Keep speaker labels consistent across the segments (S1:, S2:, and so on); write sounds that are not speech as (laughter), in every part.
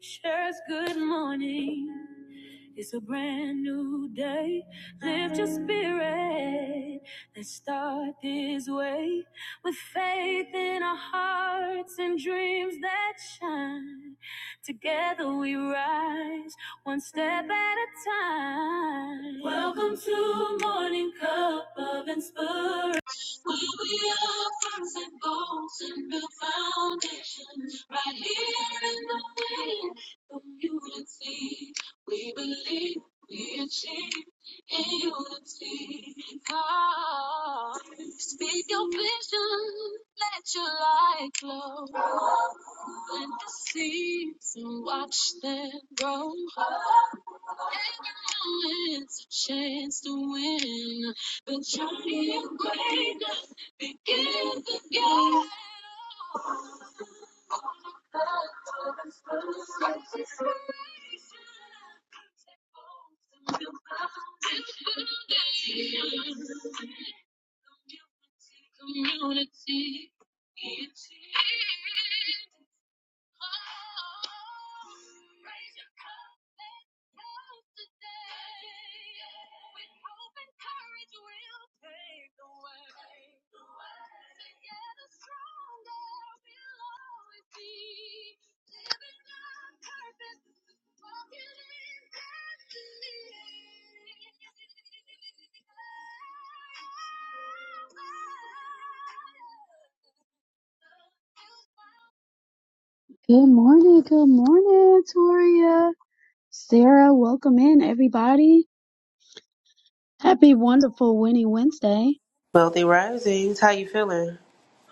S1: Shares good morning. It's a brand new day. Lift your spirit. Let's start this way with faith in our hearts and dreams that shine. Together we rise, one step at a time. Welcome to Morning Cup of Inspiration. Good morning, good morning, Toria. Sarah, welcome in, everybody. Happy wonderful Winnie Wednesday.
S2: Wealthy Risings, how you feeling?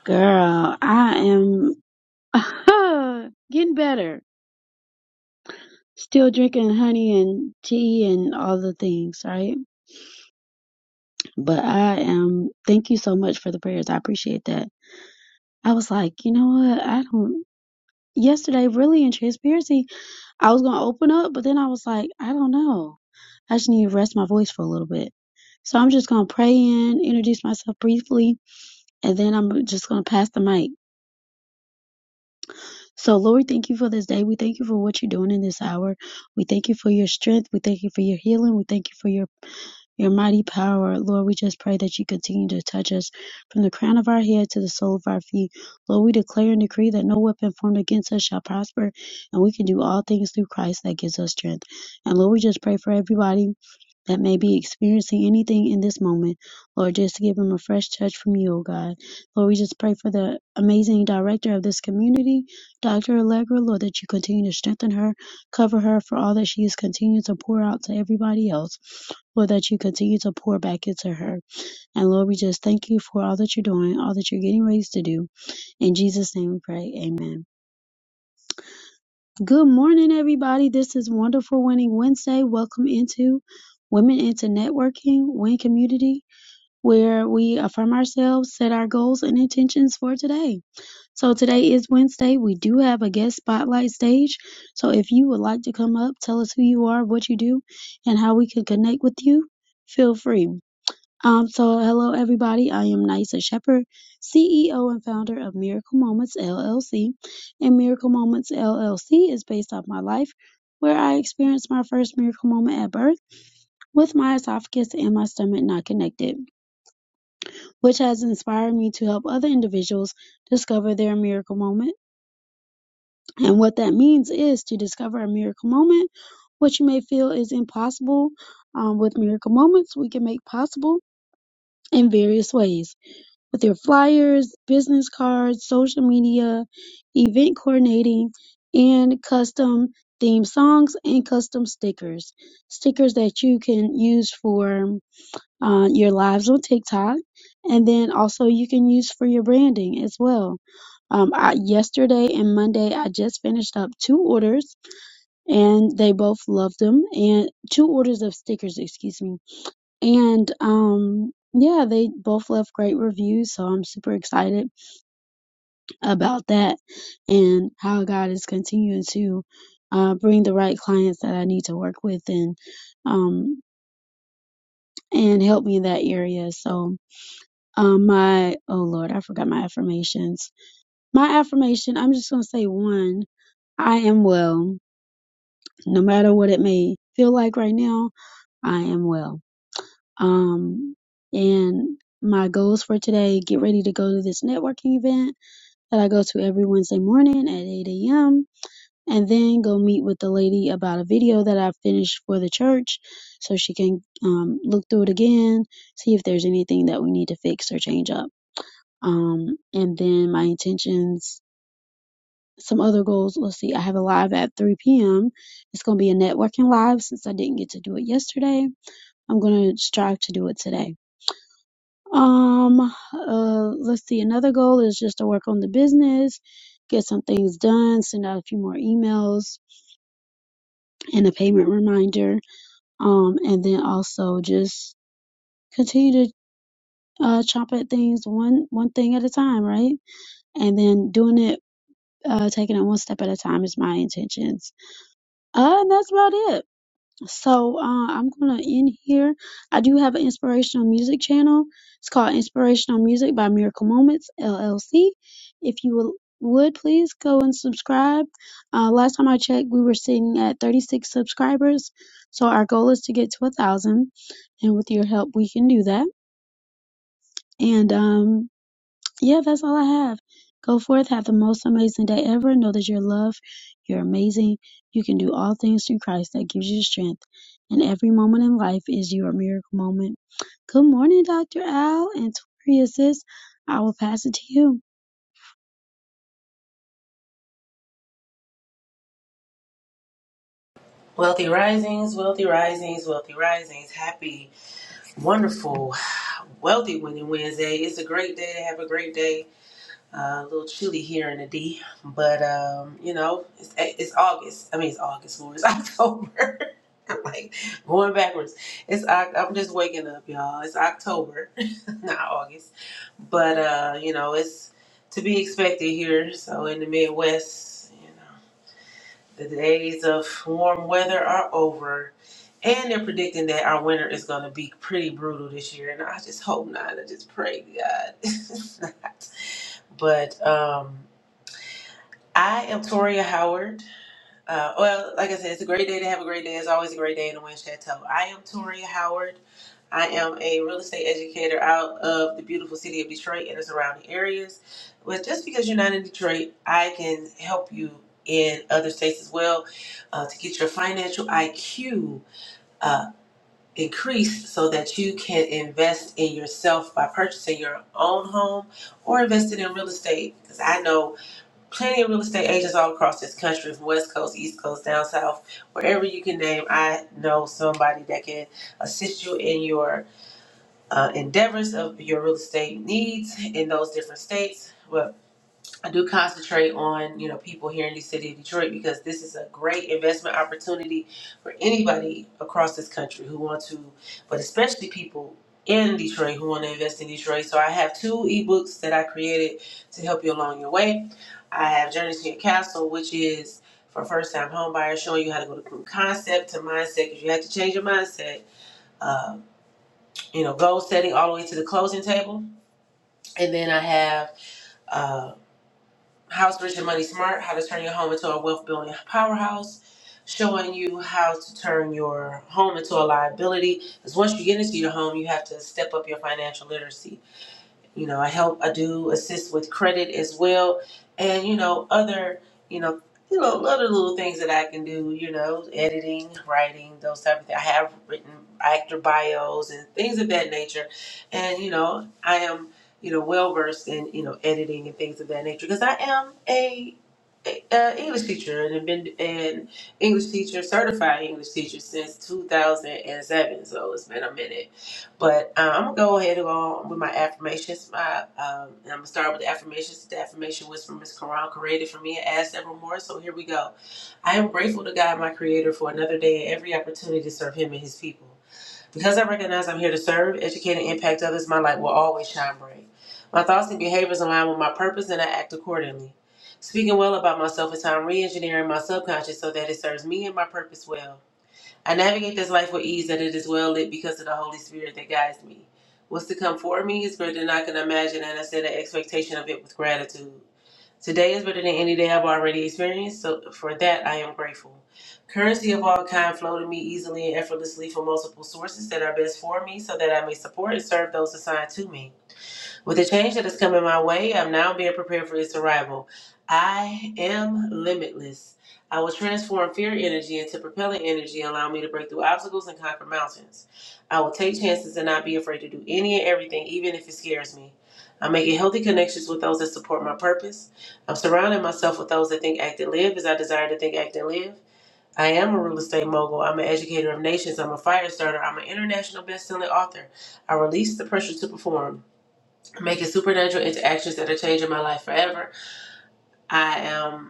S1: Girl, I am (laughs) getting better. Still drinking honey and tea and all the things, right? But I am thank you so much for the prayers. I appreciate that. I was like, you know what? I don't yesterday really in transparency, I was gonna open up, but then I was like, I don't know. I just need to rest my voice for a little bit. So I'm just gonna pray in, introduce myself briefly, and then I'm just gonna pass the mic. So, Lord, thank you for this day. We thank you for what you're doing in this hour. We thank you for your strength. We thank you for your healing. We thank you for your your mighty power. Lord, we just pray that you continue to touch us from the crown of our head to the sole of our feet. Lord, we declare and decree that no weapon formed against us shall prosper, and we can do all things through Christ that gives us strength. And Lord, we just pray for everybody that may be experiencing anything in this moment. Lord, just to give them a fresh touch from you, oh God. Lord, we just pray for the amazing director of this community. Doctor Allegra Lord, that you continue to strengthen her, cover her for all that she is continuing to pour out to everybody else. Lord, that you continue to pour back into her. And Lord, we just thank you for all that you're doing, all that you're getting ready to do. In Jesus' name we pray. Amen. Good morning, everybody. This is Wonderful Winning Wednesday. Welcome into Women into Networking, Win Community, where we affirm ourselves, set our goals and intentions for today. So today is Wednesday. We do have a guest spotlight stage. So if you would like to come up, tell us who you are, what you do, and how we can connect with you, feel free. Um, so hello everybody. I am Nysa Shepherd, CEO and founder of Miracle Moments LLC. And Miracle Moments LLC is based off my life where I experienced my first miracle moment at birth with my esophagus and my stomach not connected, which has inspired me to help other individuals discover their miracle moment And what that means is to discover a miracle moment. What you may feel is impossible um, with miracle moments, we can make possible in various ways with your flyers, business cards, social media, event coordinating, and custom theme songs and custom stickers. Stickers that you can use for uh, your lives on TikTok, and then also you can use for your branding as well. Um, I, yesterday and Monday, I just finished up two orders, and they both loved them. And two orders of stickers, excuse me. And um, yeah, they both left great reviews, so I'm super excited about that and how God is continuing to uh, bring the right clients that I need to work with and um, and help me in that area. So Um, my oh Lord, I forgot my affirmations. My affirmation, I'm just gonna say one. I am well, no matter what it may feel like right now. I am well. Um, and my goals for today: get ready to go to this networking event that I go to every Wednesday morning at 8 a.m. And then go meet with the lady about a video that I finished for the church, so she can um, look through it again, see if there's anything that we need to fix or change up. Um, and then my intentions, some other goals. Let's see, I have a live at 3 p.m. It's going to be a networking live since I didn't get to do it yesterday. I'm going to strive to do it today. Um, uh, let's see, another goal is just to work on the business, get some things done, send out a few more emails and a payment reminder. Um, and then also just continue to uh, chomp at things one one thing at a time, right? And then doing it uh, taking it one step at a time is my intentions. Uh, and that's about it. So uh, I'm gonna end here. I do have an inspirational music channel. It's called Inspirational Music by Miracle Moments LLC. If you will, would please go and subscribe. Uh, last time I checked, we were sitting at 36 subscribers. So our goal is to get to a thousand, and with your help, we can do that. And um, yeah, that's all I have. Go forth, have the most amazing day ever. Know that you're loved, you're amazing, you can do all things through Christ that gives you strength. And every moment in life is your miracle moment. Good morning, Dr. Al and Tori sis. I will pass it to you.
S2: Wealthy Risings, Wealthy Risings, Wealthy Risings. Happy, wonderful, wealthy winning Wednesday. It's a great day. Have a great day. Uh, a little chilly here in the D, but um, you know, it's, it's August. I mean, it's August. Lord. It's (laughs) October. I'm like going backwards. It's Oc- I'm just waking up, y'all. It's October, (laughs) not August but uh, you know, it's to be expected here. So in the Midwest, you know. The days of warm weather are over, and they're predicting that our winter is going to be pretty brutal this year. And I just hope not. I just pray to God. (laughs) it's not. but um, I am Toria Howard. Uh, well, like I said, it's a great day to have a great day. It's always a great day in the Wind Chateau. I am Toria Howard. I am a real estate educator out of the beautiful city of Detroit and the surrounding areas. But just because you're not in Detroit, I can help you in other states as well uh, to get your financial IQ uh, increased so that you can invest in yourself by purchasing your own home or investing in real estate. Because I know plenty of real estate agents all across this country from West Coast, East Coast, down South, wherever you can name, I know somebody that can assist you in your uh, endeavors of your real estate needs in those different states. But I do concentrate on you know people here in the city of Detroit because this is a great investment opportunity for anybody across this country who want to, but especially people in Detroit who want to invest in Detroit. So I have two ebooks that I created to help you along your way. I have Journey to Your Castle, which is for first time homebuyers, showing you how to go to- from concept to mindset because you have to change your mindset Um, you know, goal setting all the way to the closing table. And then I have uh, House Rich and Money Smart, how to turn your home into a wealth building powerhouse, showing you how to turn your home into a liability. Because once you get into your home, you have to step up your financial literacy you know, I help, I do assist with credit as well, and you know, other, you know, you know, other little things that I can do. You know, editing, writing, those type of things. I have written actor bios and things of that nature, and you know, I am, you know, well versed in you know editing and things of that nature because I am a, a, a English teacher and have been an English teacher, certified English teacher since 2007. So it's been a minute but uh, I'm gonna go ahead and go on with my affirmations. My, um, and I'm gonna start with the affirmations. The affirmation was from Miss Quran, created for me and asked several more. So here we go. I am grateful to God, my Creator, for another day and every opportunity to serve Him and His people. Because I recognize I'm here to serve, educate, and impact others, my light will always shine bright. My thoughts and behaviors align with my purpose, and I act accordingly. Speaking well about myself is how I'm re-engineering my subconscious so that it serves me and my purpose well. I navigate this life with ease that it is well lit because of the Holy Spirit that guides me. What's to come for me is greater than I can imagine, and I set an expectation of it with gratitude. Today is better than any day I've already experienced, so for that I am grateful. Currency of all kind flow to me easily and effortlessly from multiple sources that are best for me, so that I may support and serve those assigned to me. With the change that is coming my way, I'm now being prepared for its arrival. I am limitless. I will transform fear energy into propelling energy, allowing me to break through obstacles and conquer mountains. I will take chances and not be afraid to do any and everything, even if it scares me. I'm making healthy connections with those that support my purpose. I'm surrounding myself with those that think, act, and live as I desire to think, act, and live. I am a real estate mogul. I'm an educator of nations. I'm a fire starter. I'm an international best-selling author. I release the pressure to perform making supernatural interactions that are changing my life forever. I am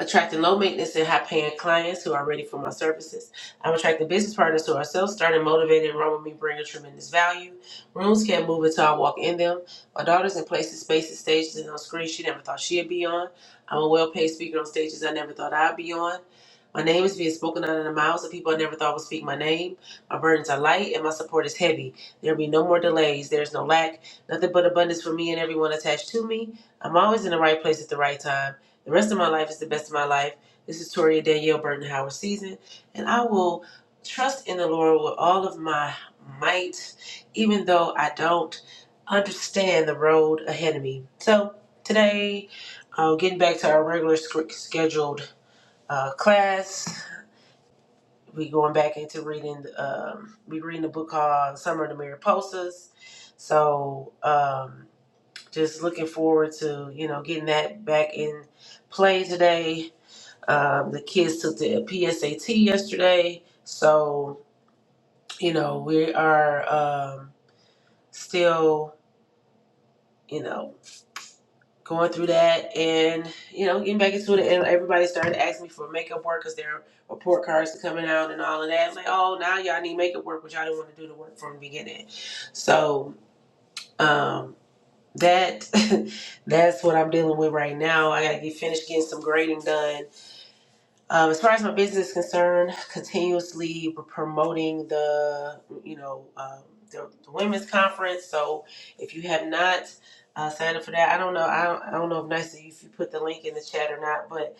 S2: attracting low maintenance and high paying clients who are ready for my services. I'm attracting business partners who are self starting, motivated, and run with me, bringing tremendous value. Rooms can't move until I walk in them. My daughter's in places, spaces, stages, and on screens she never thought she'd be on. I'm a well paid speaker on stages I never thought I'd be on. My name is being spoken out in the mouths of people I never thought would speak my name. My burdens are light and my support is heavy. There'll be no more delays. There's no lack. Nothing but abundance for me and everyone attached to me. I'm always in the right place at the right time. The rest of my life is the best of my life. This is Toria Danielle Burton Howard season, and I will trust in the Lord with all of my might, even though I don't understand the road ahead of me. So today, uh, getting back to our regular scheduled uh, class, we going back into reading. Um, we reading a book called Summer of the Mariposas. So um, just looking forward to you know getting that back in play today um, the kids took the PSAT yesterday, so you know we are um, still, you know, going through that, and you know, getting back into it. And everybody started asking me for makeup work because their report cards are coming out and all of that. It's like, oh, now y'all need makeup work, but y'all didn't want to do the work from the beginning. So um, that (laughs) that's what I'm dealing with right now. I gotta get finished getting some grading done Um, as far as my business is concerned, continuously we're promoting the, you know, um, the, the women's conference. So if you have not uh, signed up for that, I don't know. I don't, I don't know if Nisa, if you put the link in the chat or not, but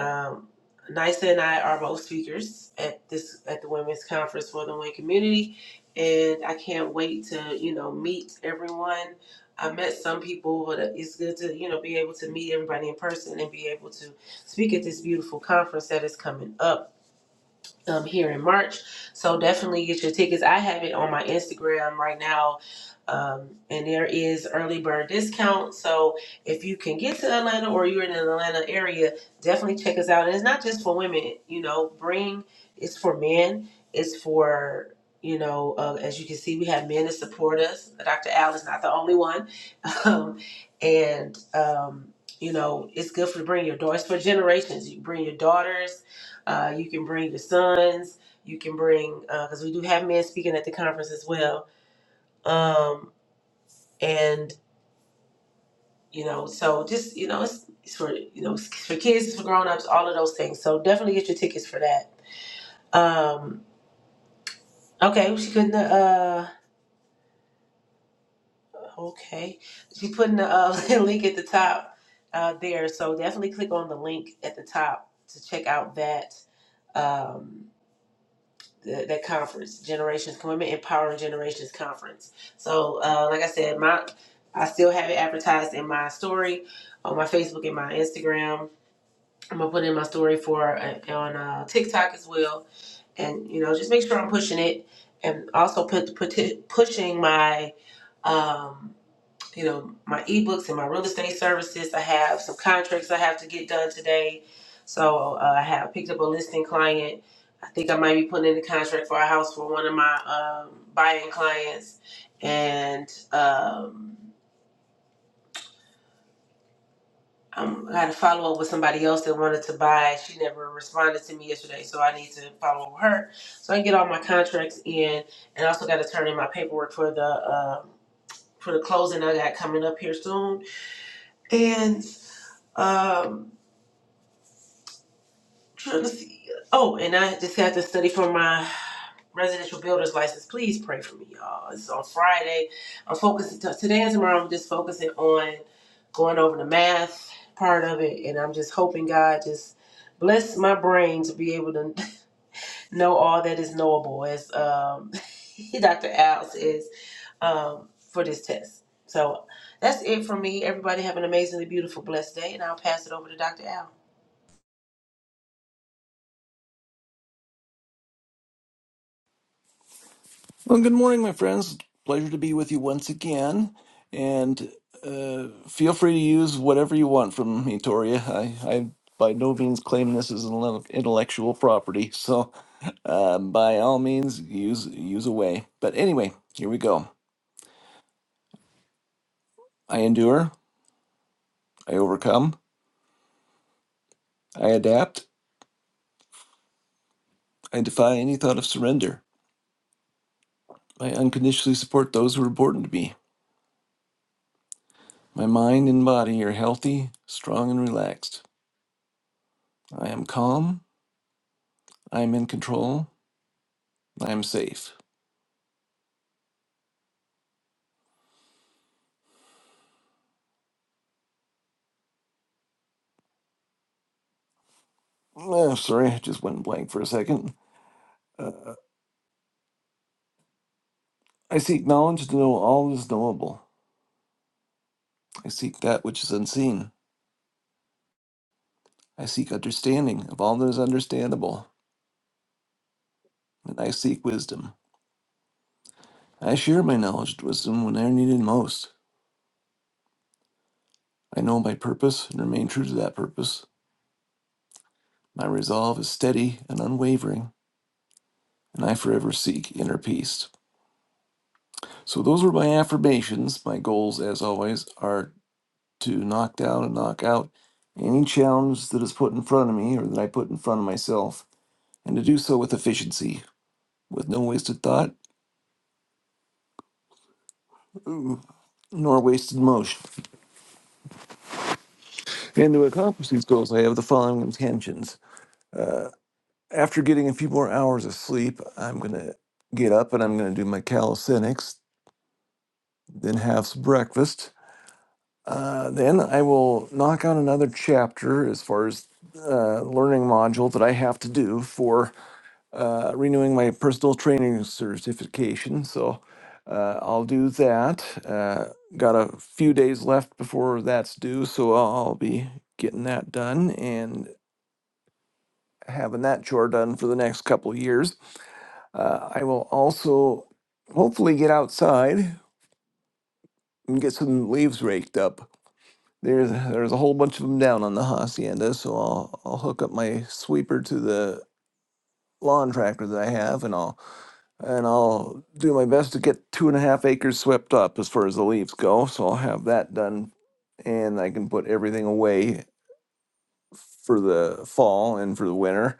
S2: um, Nisa and I are both speakers at this at the women's conference for the Wayne community, and I can't wait to you know meet everyone. I met some people, but uh, it's good to you know be able to meet everybody in person and be able to speak at this beautiful conference that is coming up um, here in March. So definitely get your tickets. I have it on my Instagram right now. Um, and there is early bird discount. So if you can get to Atlanta or you're in the Atlanta area, definitely check us out. And it's not just for women, you know, bring it's for men, it's for you know, uh, as you can see, we have men that support us. Dr. Al is not the only one. (laughs) Um, and, um, you know, it's good for to bring your daughters for generations. You bring your daughters, uh, you can bring your sons. You can bring because we do have men speaking at the conference as well. Um, and you know, so just you know, it's, it's for you know, it's for kids, it's for grown ups, all of those things. So definitely get your tickets for that. Um, okay, well, she couldn't. Uh, okay, she putting the uh, (laughs) link at the top uh, there. So definitely click on the link at the top to check out that. Um, that, that conference, Generations Commitment Empowering Generations Conference. So, uh, like I said, my I still have it advertised in my story on my Facebook and my Instagram. I'm gonna put in my story for uh, on uh, TikTok as well, and you know, just make sure I'm pushing it, and also put, put pushing my um, you know my ebooks and my real estate services. I have some contracts I have to get done today, so uh, I have picked up a listing client I think I might be putting in a contract for a house for one of my um, buying clients, and um, I'm, I got to follow up with somebody else that wanted to buy. She never responded to me yesterday, so I need to follow up with her so I can get all my contracts in, and I also got to turn in my paperwork for the uh, for the closing I got coming up here soon, and um, trying to see. Oh, and I just had to study for my residential builder's license. Please pray for me, y'all. It's on Friday. I'm focusing today and tomorrow. I'm just focusing on going over the math part of it, and I'm just hoping God just bless my brain to be able to (laughs) know all that is knowable, as um, (laughs) Dr. Al says um, for this test. So that's it for me. Everybody have an amazingly beautiful, blessed day, and I'll pass it over to Dr. Al.
S3: Well, good morning, my friends. Pleasure to be with you once again. And uh, feel free to use whatever you want from me, Toria. I, I by no means claim this as an intell- intellectual property, so uh, by all means, use use away. But anyway, here we go. I endure. I overcome. I adapt. I defy any thought of surrender. I unconditionally support those who are important to me. My mind and body are healthy, strong, and relaxed. I am calm. I am in control. I'm safe. Ah, sorry, I just went blank for a second. Uh, I seek knowledge to know all that is knowable. I seek that which is unseen. I seek understanding of all that is understandable. And I seek wisdom. I share my knowledge and wisdom when they are needed most. I know my purpose and remain true to that purpose. My resolve is steady and unwavering, and I forever seek inner peace. So, those were my affirmations. My goals, as always, are to knock down and knock out any challenge that is put in front of me or that I put in front of myself, and to do so with efficiency, with no wasted thought ooh, nor wasted motion. And to accomplish these goals, I have the following intentions. After getting a few more hours of sleep, I'm going to get up and I'm going to do my calisthenics, then have some breakfast. Uh, then I will knock out another chapter as far as uh, learning module that I have to do for uh, renewing my personal training certification. So uh, I'll do that. Uh, got a few days left before that's due, so I'll, I'll be getting that done and having that chore done for the next couple of years. Uh, I will also hopefully get outside and get some leaves raked up. There's there's a whole bunch of them down on the hacienda, so I'll I'll hook up my sweeper to the lawn tractor that I have, and I'll and I'll do my best to get two and a half acres swept up as far as the leaves go. So I'll have that done, and I can put everything away for the fall and for the winter.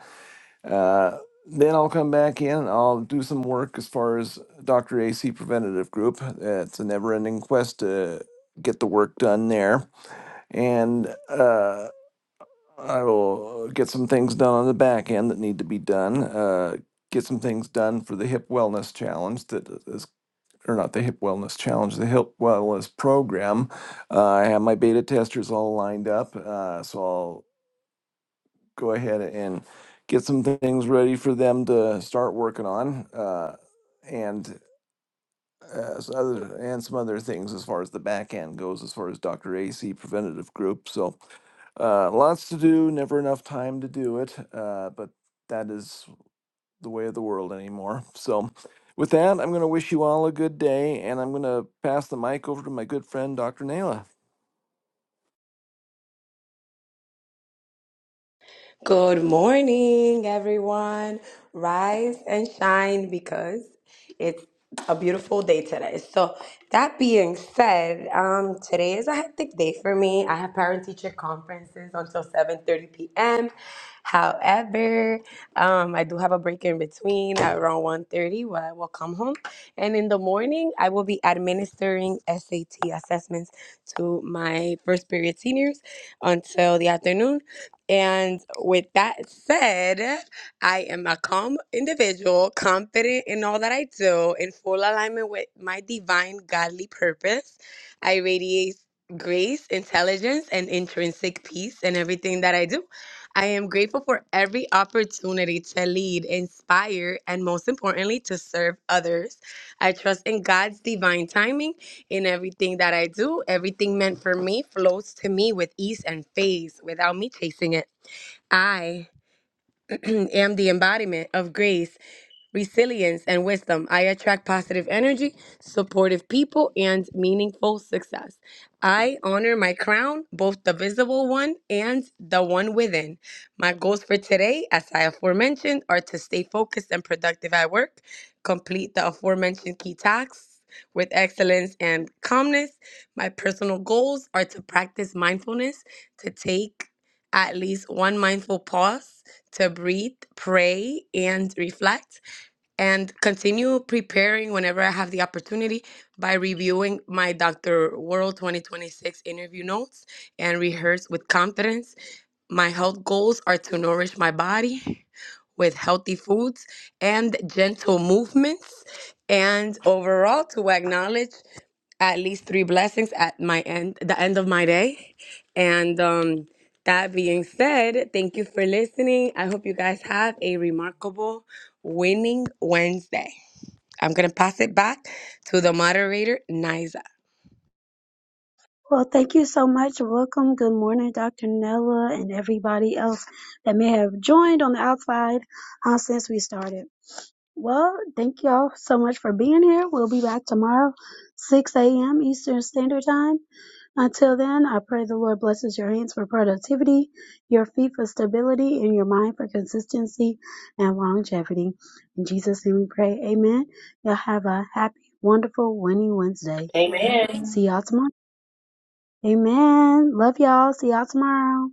S3: Uh, then I'll come back in. I'll do some work as far as Dr. AC Preventative Group. It's a never-ending quest to get the work done there, and. Uh, I will get some things done on the back end that need to be done. Uh, get some things done for the hip wellness challenge that is or not the Hip Wellness Challenge, the Hip Wellness Program. Uh, I have my beta testers all lined up, uh, so I'll go ahead and get some things ready for them to start working on, uh, and uh, so other and some other things as far as the back end goes, as far as Dr. AC Preventative Group. So uh, lots to do, never enough time to do it, uh, but that is the way of the world anymore. (laughs) So, with that, I'm going to wish you all a good day, and I'm going to pass the mic over to my good friend, Dr. Naila.
S4: Good morning, everyone. Rise and shine because it's a beautiful day today. So, that being said, um, today is a hectic day for me. I have parent teacher conferences until 7:30 p.m. However, um, I do have a break in between at around one thirty, where I will come home. And in the morning, I will be administering SAT assessments to my first period seniors until the afternoon. And with that said, I am a calm individual, confident in all that I do, in full alignment with my divine godly purpose. I radiate grace, intelligence, and intrinsic peace in everything that I do. I am grateful for every opportunity to lead, inspire, and most importantly, to serve others. I trust in God's divine timing in everything that I do, everything meant for me flows to me with ease and phase without me chasing it. I am the embodiment of grace, resilience, and wisdom. I attract positive energy, supportive people, and meaningful success. I honor my crown, both the visible one and the one within. My goals for today, as I aforementioned, are to stay focused and productive at work, complete the aforementioned key tasks with excellence and calmness. My personal goals are to practice mindfulness, to take at least one mindful pause, to breathe, pray, and reflect, and continue preparing whenever I have the opportunity by reviewing my Dr. World 2026 interview notes and rehearse with confidence. My health goals are to nourish my body with healthy foods and gentle movements, and overall to acknowledge at least three blessings at my end the end of my day and um that being said thank you for listening i hope you guys have a remarkable winning wednesday i'm going to pass it back to the moderator niza
S1: Well, thank you so much. Welcome. Good morning, Dr. Nella, and everybody else that may have joined on the outside uh, since we started. Well, thank y'all so much for being here. We'll be back tomorrow, 6 a.m. Eastern Standard Time. Until then, I pray the Lord blesses your hands for productivity, your feet for stability, and your mind for consistency and longevity. In Jesus' name we pray. Amen. Y'all have a happy, wonderful, winning Wednesday.
S2: Amen.
S1: See y'all tomorrow. Amen. Love y'all. See y'all tomorrow.